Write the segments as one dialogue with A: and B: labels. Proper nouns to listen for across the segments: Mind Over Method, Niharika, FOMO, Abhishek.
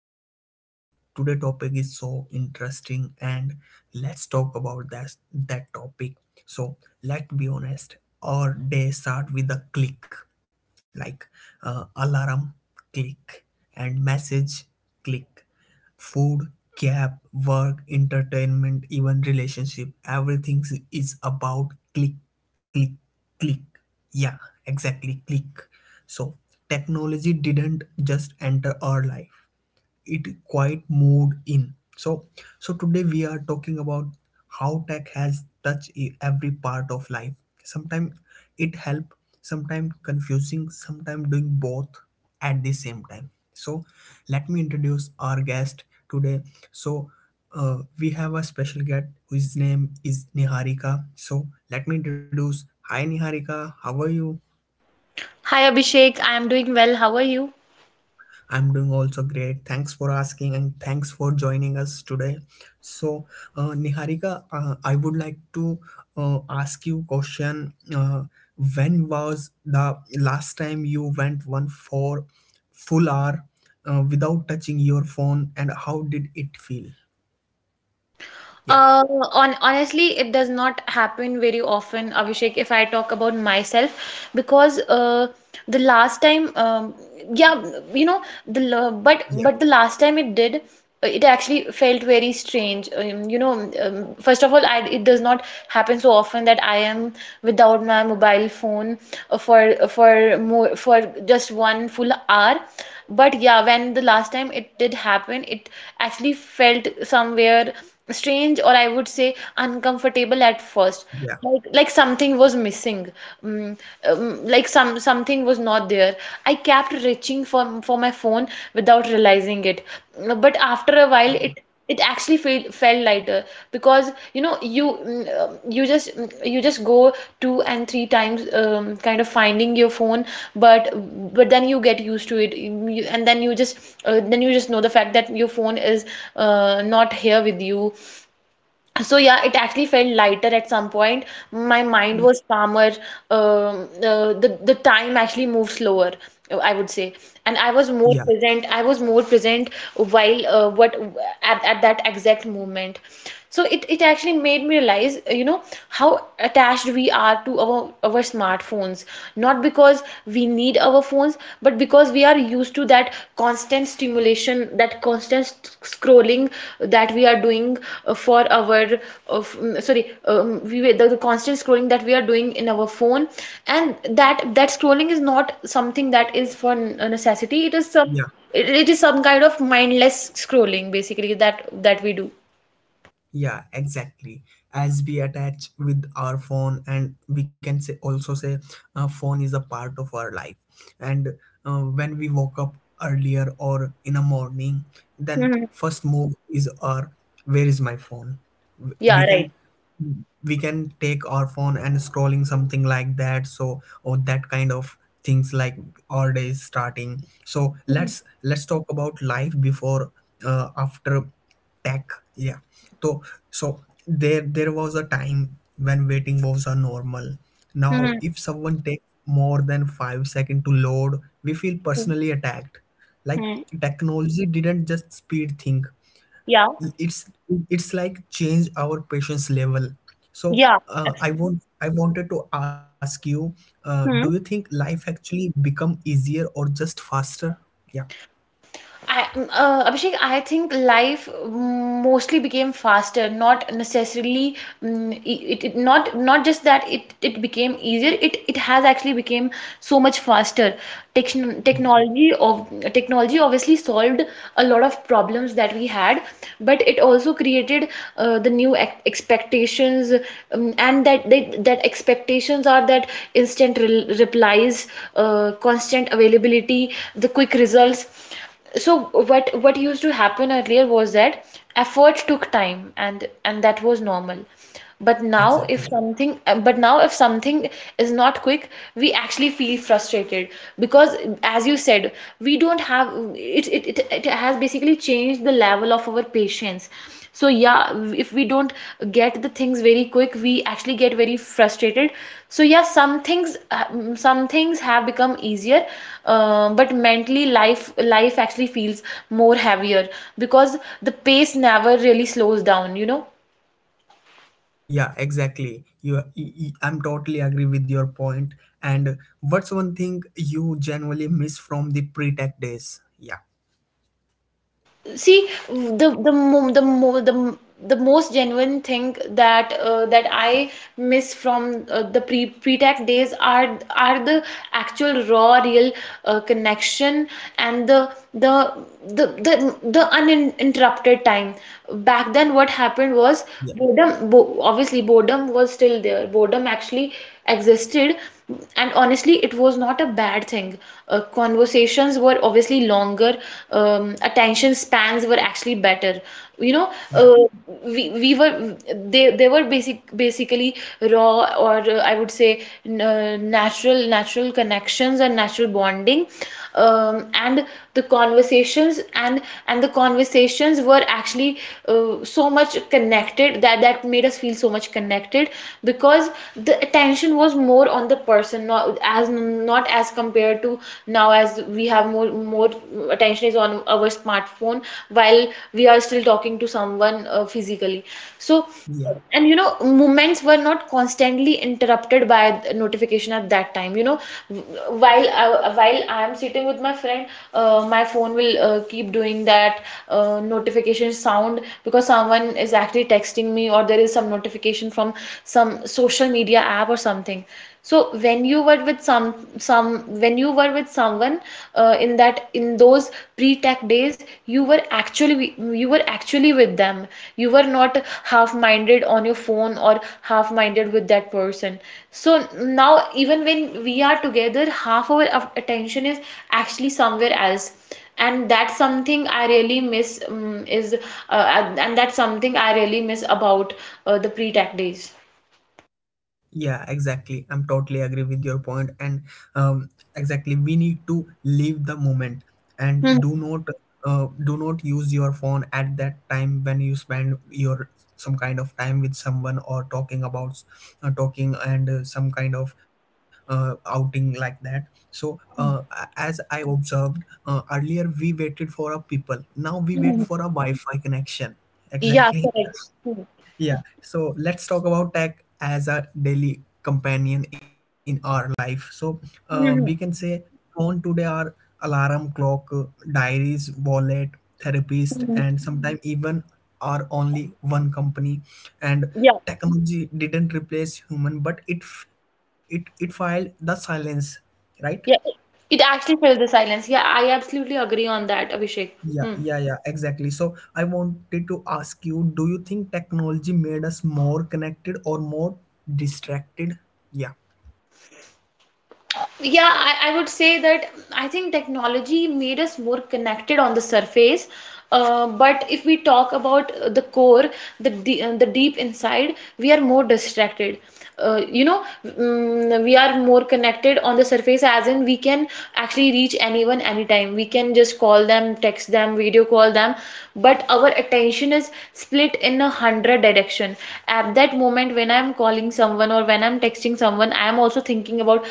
A: host, Abhishek. Today topic is so interesting, and let's talk about that topic. So let's be honest. Our day start with a click, like, alarm, click, and message, click. Food, gap, work, entertainment, even relationship, everything is about click, click, click. Yeah, exactly, click. So, technology didn't just enter our life, it quite moved in. So today we are talking about how tech has touched every part of life. Sometimes it help, sometimes confusing, sometimes doing both at the same time. So, let me introduce our guest today. So, we have a special guest whose name is Niharika. So, let me introduce. Hi, Niharika. How are you?
B: Hi Abhishek, I am doing well. How are you?
A: I'm doing also great. Thanks for asking and thanks for joining us today. So, Niharika, I would like to ask you question. When was the last time you went one for full hour without touching your phone, and how did it feel? Yeah,
B: Uh, on Honestly, it does not happen very often, Abhishek, if I talk about myself, because the last time, yeah, you know, but
A: yeah,
B: but the last time it did, it actually felt very strange. First of all, it does not happen so often that I am without my mobile phone, for just one full hour. But yeah, when the last time it did happen, it actually felt somewhere strange, or I would say uncomfortable at first.
A: yeah,
B: Like something was missing. Mm, like something was not there. I kept reaching for my phone without realizing it. But after a while, it actually felt lighter, because you just you just go two and three times, kind of finding your phone, but but then you get used to it, and then you just know the fact that your phone is not here with you. So yeah, it actually felt lighter at some point. My mind
A: yeah,
B: was calmer. The time actually moved slower, I would say, and I was more
A: yeah,
B: present. I was more present while what at that exact moment. So it actually made me realize, how attached we are to our smartphones. Not because we need our phones, but because we are used to that constant stimulation, that constant scrolling that we are doing, for our f- mm, sorry we, were- the constant scrolling that we are doing in our phone. And that scrolling is not something that is for a necessity. it is some
A: yeah.
B: it, it is some kind of mindless scrolling, basically, that we do.
A: Yeah, exactly, as we attach with our phone, and we can say also say a phone is a part of our life. And
B: Hmm.
A: when we woke up earlier or in a morning, then
B: Hmm.
A: first move is our where is my phone. W-
B: Yeah,
A: we
B: right.
A: can we can take our phone and scrolling something like that, so or that kind of things, like our day is starting. So
B: Hmm.
A: let's talk about life before, after tech. Yeah. So so there was a time when waiting was a normal. Now
B: Hmm.
A: if someone takes more than 5 seconds to load, we feel personally attacked. Like,
B: Hmm.
A: technology didn't just speed thing,
B: Yeah,
A: it's it's like change our patience level. So,
B: yeah,
A: uh, i
B: absolutely.
A: want i wanted to ask you, do you think life actually become easier or just faster? Yeah,
B: Abhishek, I think life mostly became faster, not necessarily. It, it Not just that it became easier. It has actually became so much faster. Techn
A: yeah,
B: technology of Technology obviously solved a lot of problems that we had, but it also created the new ex expectations, and that expectations are that instant replies, constant availability, the quick results. So what used to happen earlier was that effort took time, and that was normal. but now if
A: exactly.
B: something uh, but now if something is not quick, we actually feel frustrated, because, as you said, we don't have, it has basically changed the level of our patience. So yeah, if we don't get the things very quick, we actually get very frustrated. So yeah, some things have become easier, but mentally life actually feels more heavier, because the pace never really slows down, you know.
A: Yeah, exactly, you I'm totally agree with your point. And what's one thing you generally miss from the pre-tech days? Yeah,
B: See, the mo- the mo- the m- the most genuine thing that I miss from the pre-tech days are the actual, raw, real connection, and the uninterrupted time. Back then, what happened was
A: yeah,
B: boredom. Bo Obviously, boredom was still there. Boredom actually existed, and honestly it was not a bad thing. Conversations were obviously longer. Attention spans were actually better, you know.
A: yeah,
B: Uh, we, we were they they were basically raw, or I would say, natural connections and natural bonding. And the conversations and The conversations were actually so much connected, that made us feel so much connected, because the attention was more on the person, not as compared to now, as we have more attention is on our smartphone, while we are still talking to someone, physically. So.
A: yeah.
B: And you know, moments were not constantly interrupted by the notification at that time, you know. while I, while I am sitting with my friend, my phone will, keep doing that, notification sound, because someone is actually texting me, or there is some notification from some social media app or something. So when you were with some when you were with someone, in those pre-tech days, you were actually with them. You were not half-minded on your phone, or half-minded with that person. So now, even when we are together, half our attention is actually somewhere else. and that's something i really miss um, is and that's something I really miss about the pre-tech days.
A: Yeah, exactly. I'm totally agree with your point, and, um, exactly, we need to live the moment and
B: Hmm.
A: do not use your phone at that time when you spend your some kind of time with someone, or talking about, talking, and, some kind of, outing like that. So, as I observed, earlier, we waited for a people. Now we wait for a Wi-Fi connection.
B: Yeah,
A: Exactly.
B: correct.
A: Yeah, so let's talk about tech as a daily companion in our life. So, we can
B: Hmm.
A: say phone today are alarm clock, diaries, wallet, therapist,
B: Hmm.
A: and sometimes even are only one company. And
B: Yeah,
A: technology didn't replace human, but it f- it filed the silence, right?
B: yeah, it actually fills the silence. Yeah, I absolutely agree on that, Abhishek.
A: Yeah,
B: Hmm.
A: yeah, yeah, exactly. So I wanted to ask you, do you think technology made us more connected or more distracted? Yeah.
B: Yeah, I would say that I think technology made us more connected on the surface. But if we talk about the core, the deep inside, we are more distracted. We are more
A: Yeah,
B: connected on the surface, as in we can actually reach anyone anytime. We can just call them, text them, video call them, but our attention is split in 100 direction. At that moment, when I'm calling someone, or when I'm texting someone, I am also thinking about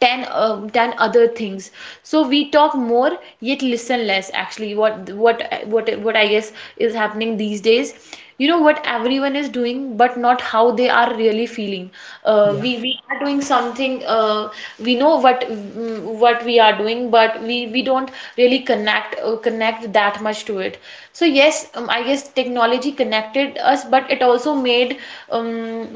B: 10, 10 other things. So we talk more, yet listen less. Actually, what I guess is happening these days, you know what everyone is doing, but not how they are really feeling.
A: yeah,
B: We are doing something. We know what, we are doing, but we don't really connect that much to it. So yes, I guess technology connected us, but it also um,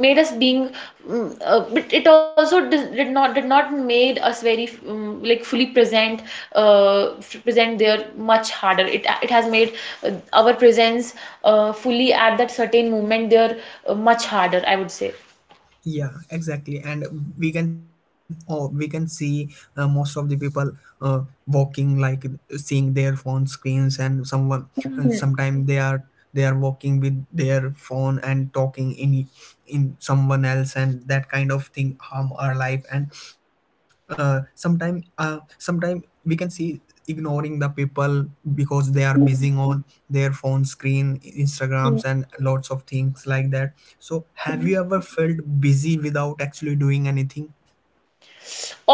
B: made us being. But it also did not made us very, like, fully present. Present there, much harder. It has made our presence, fully at that certain moment there, much harder, I would say.
A: yeah, exactly. And we can see, most of the people walking like seeing their phone screens, and someone, and sometimes they are walking with their phone and talking in someone else, and that kind of thing harm our life. And, sometime we can see ignoring the people because they are busy on their phone screen,
B: Mhm.
A: instagrams, and lots of things like that. So have you ever felt busy without actually doing anything?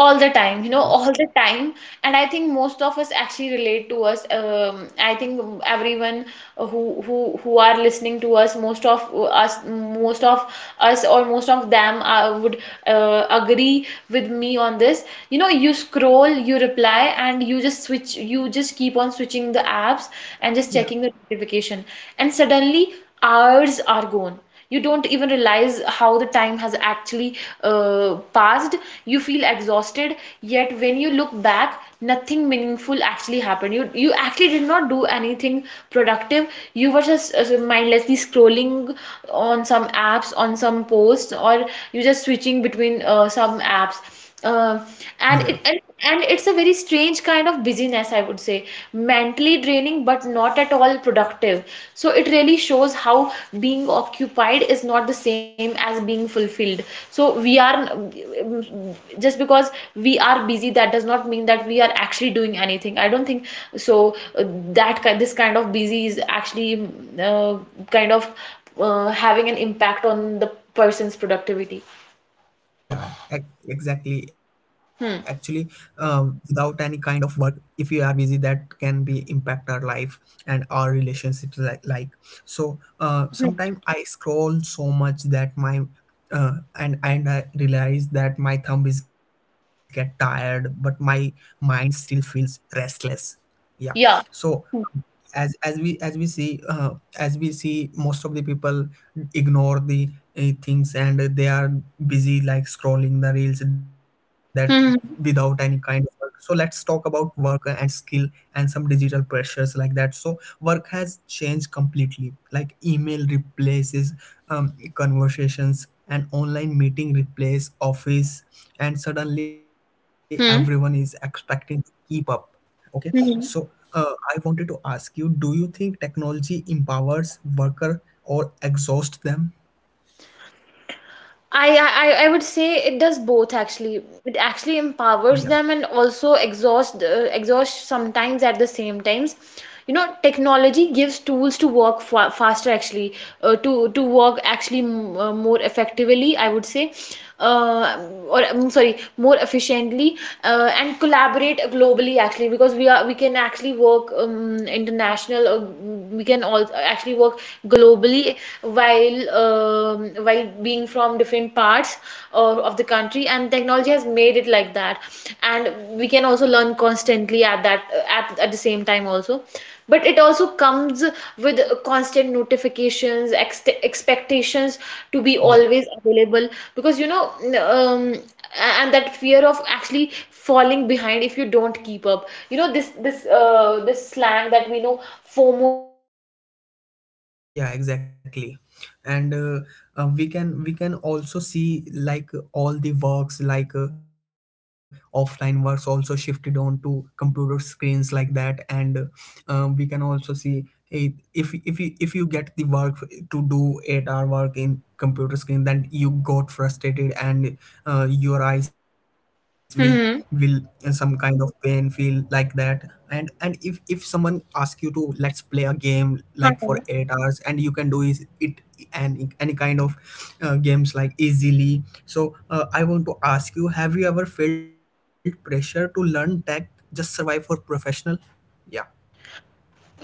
A: Yeah,
B: the time, you know. All the time. And I think most of us actually relate to us. I think everyone who are listening to us, most of us, or most of them, would, agree with me on this. You know, you scroll, you reply, and you just switch. You just keep on switching the apps, and just
A: yeah,
B: checking the notification, and suddenly hours are gone. You don't even realize how the time has actually, passed. You feel exhausted, yet when you look back, nothing meaningful actually happened. You actually did not do anything productive. You were just, so mindlessly scrolling on some apps, on some posts, or you just switching between, some apps. Uh, and
A: yeah.
B: it and, and it's a very strange kind of busyness, I would say, mentally draining but not at all productive. So it really shows how being occupied is not the same as being fulfilled. So we are, just because we are busy, that does not mean that we are actually doing anything, I don't think so. That this kind of busy is actually, uh, kind of, having an impact on the person's productivity.
A: Yeah, exactly. Actually,
B: Hmm.
A: without any kind of work, if we are busy, that can be impact our life and our relationships. Like, like. So, sometimes I scroll so much that my, and I realize that my thumb is get tired, but my mind still feels restless. Yeah.
B: Yeah.
A: So as we see, as we see most of the people ignore the, things, and they are busy like scrolling the reels that without any
B: Hmm.
A: kind of work. So let's talk about work and skill and some digital pressures like that. So work has changed completely, like email replaces, conversations, and online meeting replace office, and suddenly everyone is
B: Hmm.
A: expecting to keep up. Okay, so,
B: Hmm.
A: I wanted to ask you, do you think technology empowers worker or exhausts them?
B: I would say it does both actually. It
A: Yeah,
B: actually empowers them, and also exhaust, sometimes, at the same times. You know, technology gives tools to work fa faster, actually, to work actually, m more effectively, I would say, uh, or I sorry more efficiently, and collaborate globally, actually, because we can actually work, international we can all actually work globally, while being from different parts, or of the country, and technology has made it like that. And we can also learn constantly at the same time also. But it also comes with constant notifications, expectations to be
A: yeah.
B: always available, because, you know, um, and that fear of actually falling behind if you don't keep up, you know, this slang that we know, FOMO, that is, fear of missing out,
A: Yeah,
B: that
A: exactly.
B: is there.
A: And,
B: That I
A: we
B: guess
A: can we can also see like
B: what I
A: all
B: would
A: the
B: say,
A: works, like,
B: the
A: offline
B: wh-
A: works
B: wh-
A: also
B: what I,
A: shifted on to computer screens like that. And, we can also see, a, if you get the work to do 8 hour work in computer screen, then you got frustrated, and, your eyes will will some
B: hmm hmm,
A: kind of pain feel like that. And if someone asks you to let's play a game like for eight
B: huh.
A: hours and you can do is it, and any kind of, games like easily. So, I want to ask you, have you ever felt pressure to learn tech just survive for professional? Yeah,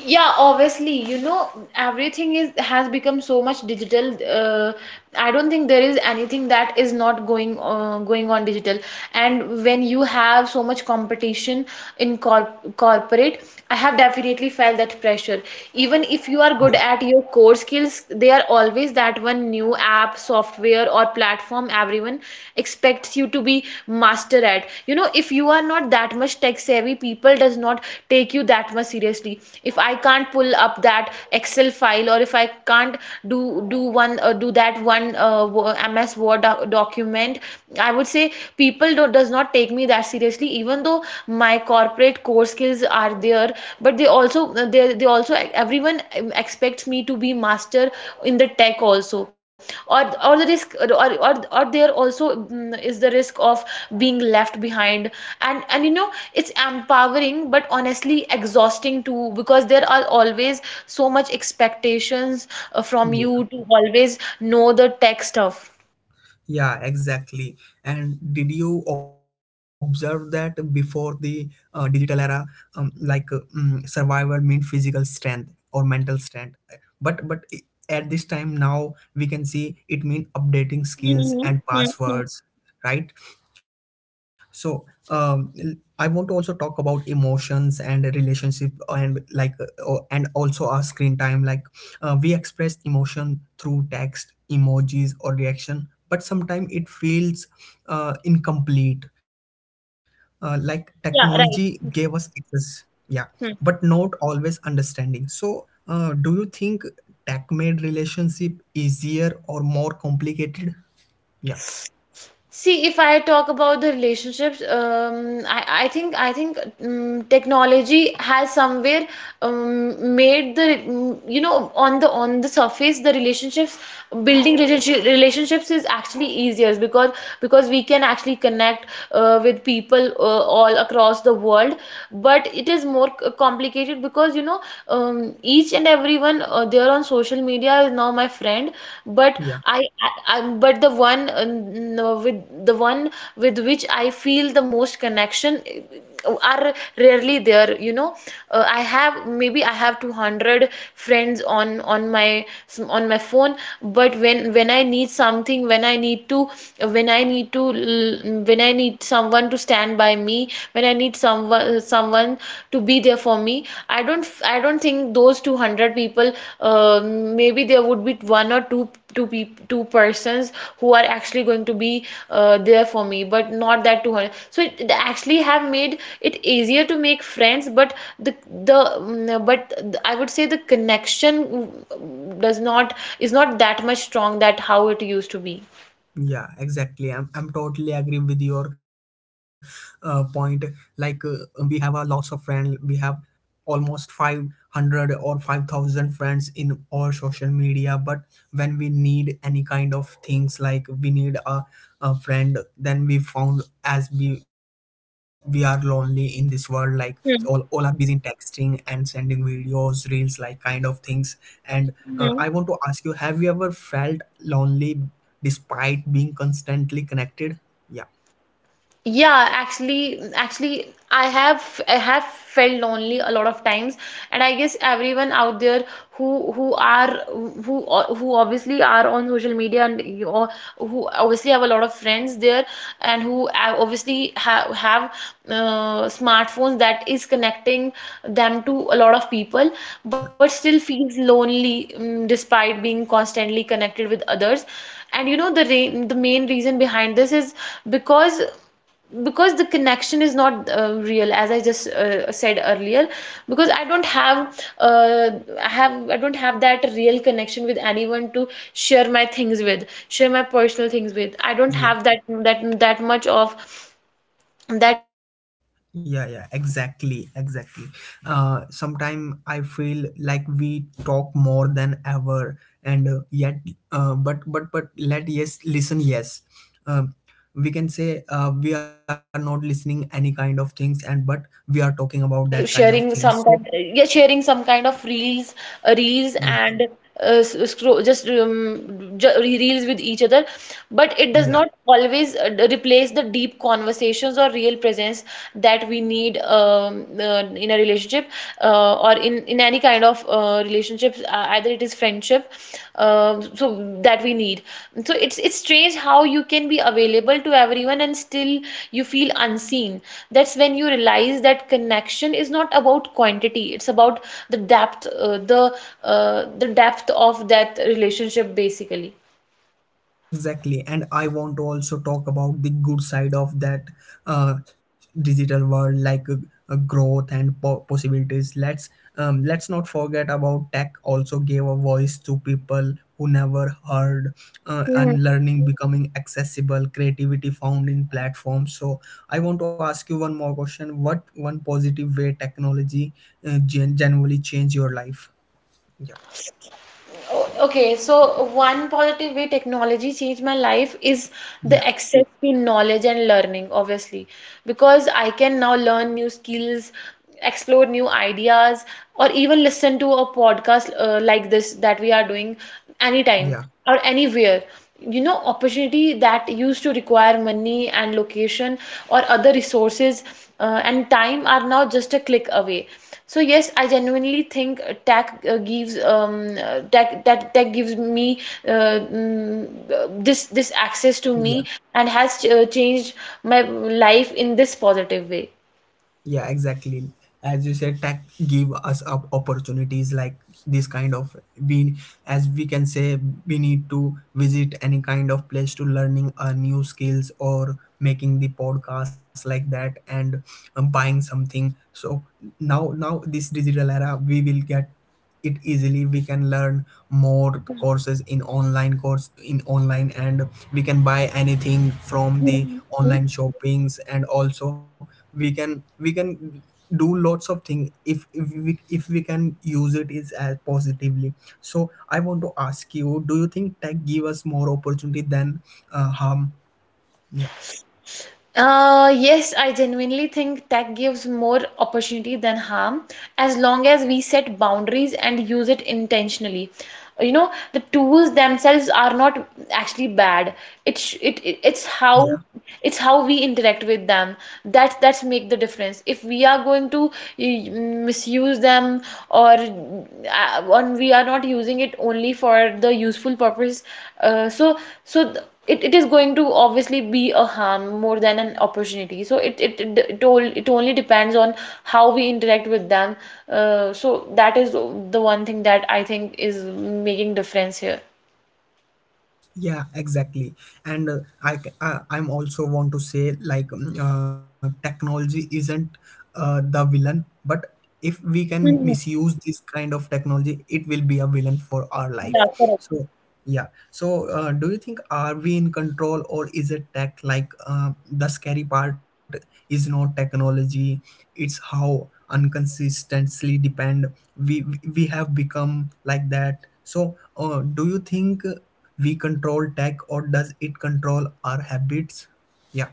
B: Yeah, obviously, you know, everything is has become so much digital. I don't think there is anything that is not going on digital. And when you have so much competition in corporate, I have definitely felt that pressure. Even if you are good at your core skills, there are always that one new app, software, or platform everyone expects you to be master at. You know If you are not that much tech savvy, people does not take you that much seriously if I can't pull up that excel file or if I can't do do one do that one ms word document. I would say people does not take me that seriously even though my corporate core skills are there, but they also everyone expects me to be master in the tech also, or or the risk or or, or there also is the risk of being left behind. And you know it's empowering but honestly exhausting too, because there are always so much expectations from
A: yeah.
B: you to always know the tech stuff.
A: Yeah, exactly. And did you observe that before the, digital era, like, survival meant physical strength or mental strength? But at this time now we can see it mean updating skills
B: Mhm.
A: and
B: Mhm. Mhm.
A: passwords, right? So, I want to also talk about emotions and relationship, and like, and also our screen time. Like, we express emotion through text, emojis, or reaction, but sometimes it feels, incomplete. Like technology
B: Yeah,
A: gave us
B: right.
A: access, yeah, but
B: Hmm.
A: not always understanding. So, do you think tech made relationship easier or more complicated? Yeah,
B: See, if I talk about the relationships, I think technology has somewhere made the, you know, on the surface, the relationships building relationship, relationships is actually easier because we can actually connect with people all across the world, but it is more complicated because, each and everyone there on social media is now my friend. but
A: yeah.
B: I, I, I but the one, with which I feel the most connection are rarely there. I have Maybe I have 200 friends on my phone, but when I need something, when I need to, when i need to when I need someone to stand by me, when I need someone to be there for me, I don't think those 200 people, maybe there would be one or two, two people, two persons who are actually going to be there for me, but not that 200. So it actually have made it easier to make friends, but the mm, but th- I would say, the connection mm, does not is not that much strong that how it used to be.
A: Yeah, exactly, I'm totally agree with your, point, like, we have a lots of friends, we have almost 500 or 5,000 friends in all social media. But when we need any kind of things, like we need a friend, then we found as we are lonely in this world, like. So all are
B: Hmm.
A: busy in texting and sending videos reels like kind of things. And, I
B: Hmm.
A: want to ask you, have you ever felt lonely despite being constantly connected? Yeah,
B: Yeah, actually, I have felt lonely a lot of times, and I guess everyone out there, who who are who who obviously are on social media, and, who obviously have a lot of friends there, and who, obviously have smartphones that is connecting them to a lot of people, but still feels lonely, despite being constantly connected with others. And the re the main reason behind this is, because the connection is not real, as I just said earlier. Because I don't have, uh, I don't have that real connection with anyone to share my things with, share my personal things with. I don't
A: yeah,
B: have that that much of
A: yeah, yeah,
B: people who, are
A: exactly,
B: actually
A: exactly. Uh,
B: there with me.
A: sometime
B: You
A: I
B: can be
A: feel like
B: surrounded by
A: we
B: messages,
A: talk more than
B: calls and
A: ever.
B: notification,
A: And, yet,
B: yet
A: uh,
B: still
A: but but
B: feel
A: but
B: emotionally
A: let, yes,
B: disconnected.
A: listen, yes,
B: A lot
A: um,
B: of
A: we can say,
B: online
A: we are
B: interaction
A: not
B: are
A: listening
B: very
A: any kind
B: quick
A: of
B: and
A: things, and
B: surface
A: but
B: level,
A: we are talking about that
B: like
A: kind of
B: sharing
A: things, so,
B: some kind, yeah, sharing some kind of reels, reels
A: yeah,
B: and scroll, just reels with each other. But it does
A: yeah.
B: not always replace the deep conversations or real presence that we need, in a relationship, or in, any kind of relationships, either it is friendship, so that we need. So it's strange how you can be available to everyone and still you feel unseen. That's when you realize that connection is not about quantity; it's about the depth, the depth of that relationship, basically.
A: Exactly, and I want to also talk about the good side of that, uh, digital world, like, growth and possibilities. Let's not forget about tech. Also, gave a voice to people who never heard, and learning becoming accessible, creativity found in platforms. So, I want to ask you one more question: what one positive way technology, generally change your life? Yeah,
B: Okay, so one positive way technology changed my life is
A: yeah,
B: the access to knowledge and learning, obviously, because I can now learn new skills, explore new ideas, or even listen to a podcast, like this that we are doing, anytime
A: yeah,
B: or anywhere. Opportunity that used to require money and location or other resources and time are now just a click away. So yes, I genuinely think tech gives, tech gives me, uh, mm, this access to
A: yeah.
B: me, and has changed my life in this positive way.
A: Yeah, exactly, as you said, tech give us up opportunities like this kind of we. As we can say, we need to visit any kind of place to learning a new skills or making the podcast like that, and, buying something. So now this digital era we will get it easily. We can learn more courses in online course in online, and we can buy anything from the
B: Mhm.
A: online shoppings. And also we can do lots of things, if we can use it is as positively. So I want to ask you, do you think tech give us more opportunity than, harm? Yeah,
B: Yes, I genuinely think tech gives more opportunity than harm, as long as we set boundaries and use it intentionally. The tools themselves are not actually bad. It's it, sh- it-
A: yeah.
B: it's how we interact with them that's make the difference. If we are going to misuse them, or on, we are not using it only for the useful purpose, so it is going to obviously be a harm more than an opportunity. So it only depends on how we interact with them. So that is the one thing that I think is making difference here.
A: Yeah, exactly, and, I I'm also want to say, like, technology isn't, the villain, but if we can
B: Mhm.
A: misuse this kind of technology, it will be a villain for our life,
B: Yeah, correct.
A: so. Yeah. So, do you think are we in control, or is it tech? Like, the scary part is not technology; it's how inconsistently depend we we have become like that. So, do you think we control tech, or does it control our habits? Yeah.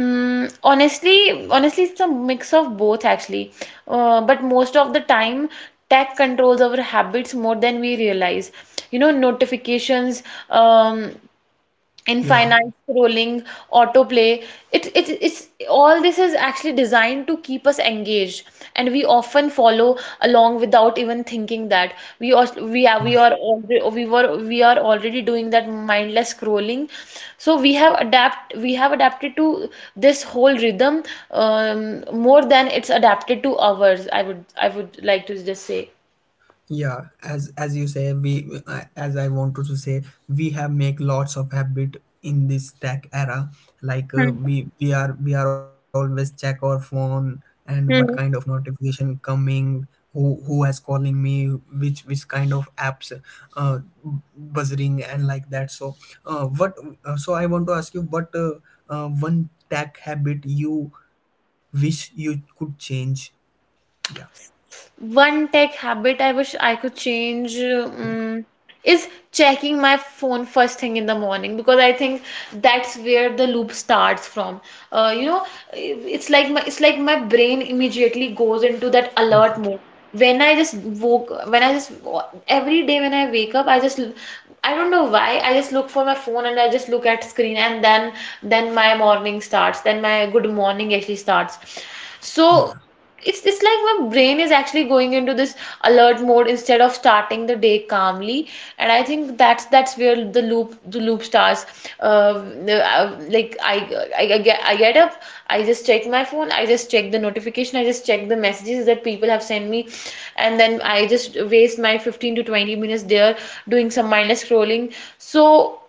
B: Honestly, it's a mix of both actually. But most of the time, tech controls our habits more than we realize. Notifications, um,
A: Yeah.
B: infinite scrolling, autoplay. It's all, this is actually designed to keep us engaged, and we often follow along without even thinking that we are we are we are already we were we are already doing that mindless scrolling. So we have adapted to this whole rhythm, more than it's adapted to ours. I would like to just say.
A: Yeah, as you say we, as I wanted to say, we have make lots of habit in this tech era, like, uh,
B: Hmm.
A: we we are we are always check our phone, and what kind of
B: Hmm.
A: notification coming, who has calling me, which kind of apps, uh, buzzing and like that. So, what, so I want to ask you, what, one tech habit you wish you could change? Yeah,
B: One tech habit I wish I could change,
A: yeah,
B: is checking my phone first thing in the morning, because I think that's where the loop starts from. Uh, you know, it's like my brain immediately goes into that alert
A: yeah,
B: mode. When I just woke, when I just Every day when I wake up, I just, I don't know why, I just look for my phone and I just look at screen, and then my morning starts, then my good morning actually starts.
A: yeah.
B: So it's like my brain is actually going into this alert mode instead of starting the day calmly, and I think that's where the loop starts. uh, like, I get up, I just check my phone, I just check the notification, I just check the messages that people have sent me, and then I just waste my 15 to 20 minutes there doing some mindless scrolling. So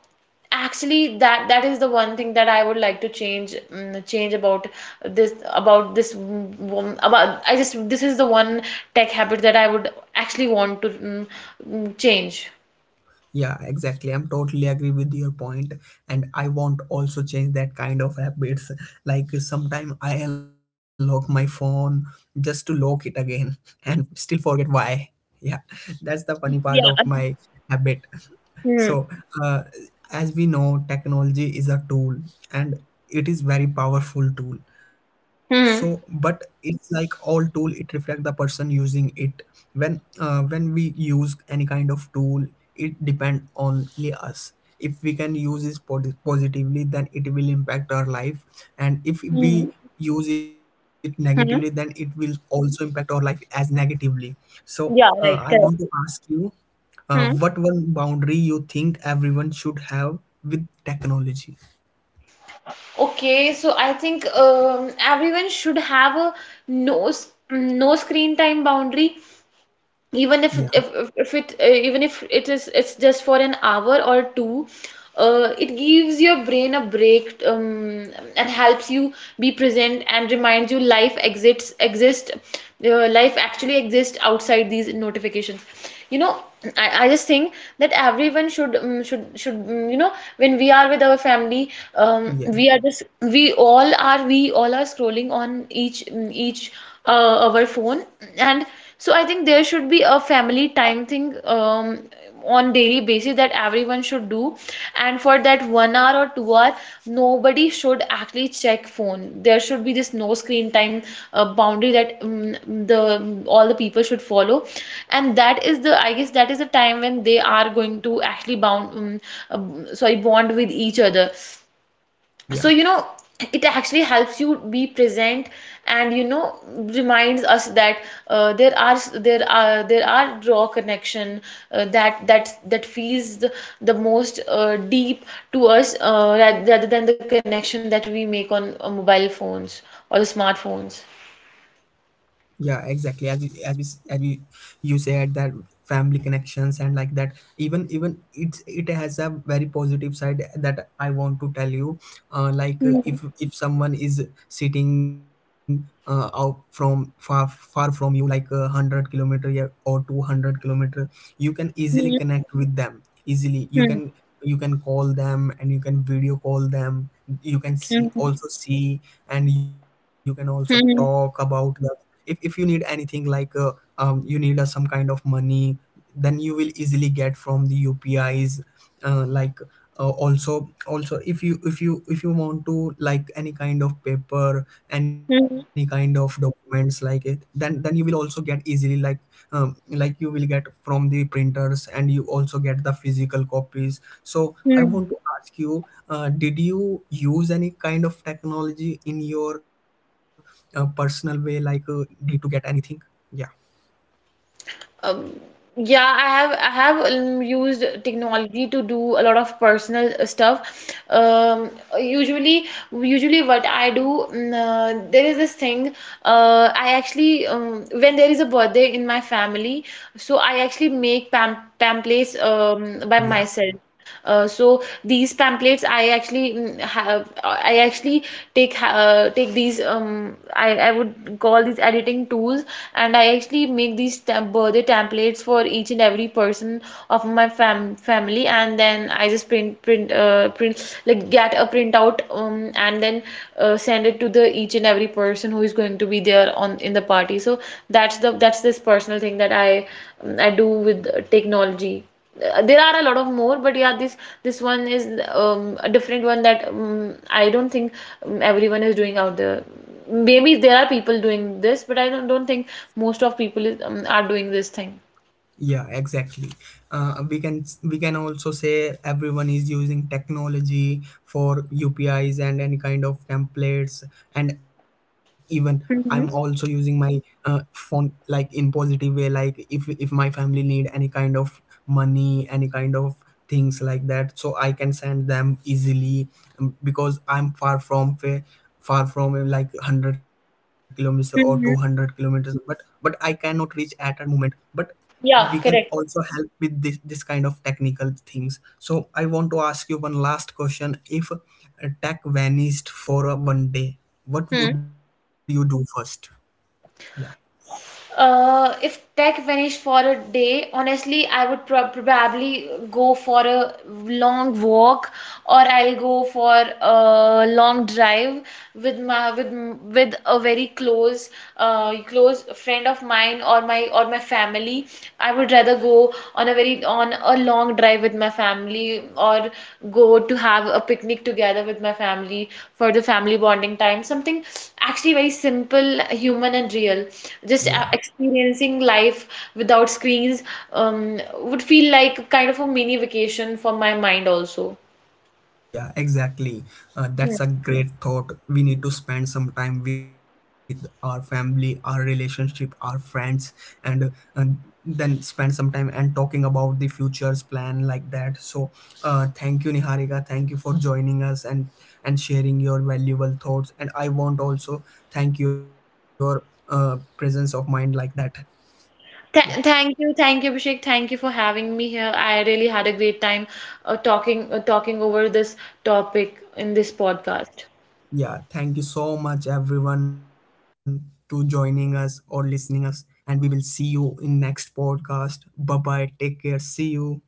B: actually, that is the one thing that I would like to change, about this mm, mm, about I just this is the one tech habit that I would actually want to, change.
A: Yeah, exactly. I'm totally agree with your point, and I want also change that kind of habits. Like, sometime I unlock my phone just to lock it again, and still forget why. Yeah, that's the funny part of
B: Yeah.
A: my habit.
B: Hmm.
A: So, uh, as we know, technology is a tool, and it is very powerful tool. So, but
B: Hmm.
A: it's like all tool, it reflect the person using it. When we use any kind of tool, it depend only us. If we can use it positively, then it will impact our life. And if we
B: Mm.
A: use it negatively, then it
B: Hmm.
A: will also impact our life as negatively. So,
B: Yeah,
A: I
B: right,
A: want to
B: correct.
A: ask you,
B: Hmm.
A: what one boundary you think everyone should have with technology?
B: Okay, so I think everyone should have a no screen time boundary, even
A: Yeah,
B: if it even if it is it's just for an hour or two. It gives your brain a break, and helps you be present, and reminds you life exist, life actually exists outside these notifications. you know I just think that everyone should, when we are with our family,
A: yeah,
B: we are just we all are scrolling on each our phone, and so I think there should be a family time thing, on daily basis that everyone should do. And for that 1 hour or 2 hour, nobody should actually check phone. There should be this no screen time boundary that the all the people should follow, and that is, the I guess, that is the time when they are going to actually bound sorry, bond with each other. So
A: yeah.
B: it actually helps you be present, and reminds us that uh, there are there are raw connection, that feels the most deep to us, rather than the connection that we make on mobile phones or the smartphones.
A: Yeah, exactly, as we you said that family connections and like that. Even it has a very positive side that I want to tell you, like, if someone is sitting, out from far from you, like a 100 kilometer, yeah, or 200 kilometer. You can easily connect with them easily. You can call them, and you can video call them, you can see also see, and you can also talk about the, if you need anything, like, you need, some kind of money, then you will easily get from the upis, like, also if you want to, like any kind of paper, any kind of documents like it, then you will also get easily, like, like you will get from the printers, and you also get the physical copies. So I want to ask you, did you use any kind of technology in your a personal way, like, need to get anything? Yeah,
B: Um, yeah, I have used technology to do a lot of personal stuff. Usually, Usually what I do, there is this thing. I actually, when there is a birthday in my family, so I actually make pamphlets by
A: yeah.
B: myself. So these pamphlets I actually, take, take these, I, would call these editing tools, and I actually make these birthday templates for each and every person of my family, and then I just print, like, get a printout, and then send it to the each and every person who is going to be there on, in the party. So that's the, that's this personal thing that I do with technology. There are a lot of more, but yeah, this one is a different one that, I don't think everyone is doing out there. Maybe there are people doing this, but I don't think most of people are doing this thing.
A: Yeah, exactly, we can also say everyone is using technology for upis and any kind of templates. And even I'm also using
B: Mm-hmm.
A: my, phone, like, in positive way, like, if my family need any kind of money, any kind of things like that, so I can send them easily, because I'm far from him, like 100 kilometers or 200
B: Mm-hmm.
A: kilometers. But I cannot reach at a moment, but we
B: Yeah,
A: can
B: correct.
A: also help with this kind of technical things. So I want to ask you one last question: if, tech vanished for a one day, what would
B: Hmm.
A: you do first? Yeah,
B: If tech vanished for a day, honestly, I would probably go for a long walk, or I'll go for a long drive with, my with a very close friend of mine, or my family. I would rather go on a very, on a long drive with my family, or go to have a picnic together with my family for the family bonding time. Something actually very simple, human and real. Just
A: yeah.
B: experiencing life without screens would feel like kind of a mini vacation for my mind also.
A: Yeah, exactly. That's a great thought. We need to spend some time with our family, our relationship, our friends, and, uh, then spend some time and talking about the future's plan like that. So, thank you, Niharika. Thank you for joining us, and sharing your valuable thoughts. And I want also thank your, presence of mind like that. Yeah.
B: Thank you, thank you, Abhishek. Thank you for having me here. I really had a great time talking over this topic in this podcast.
A: Yeah, thank you so much everyone to joining us or listening us, and we will see you in next podcast. Bye bye. Take care. See you.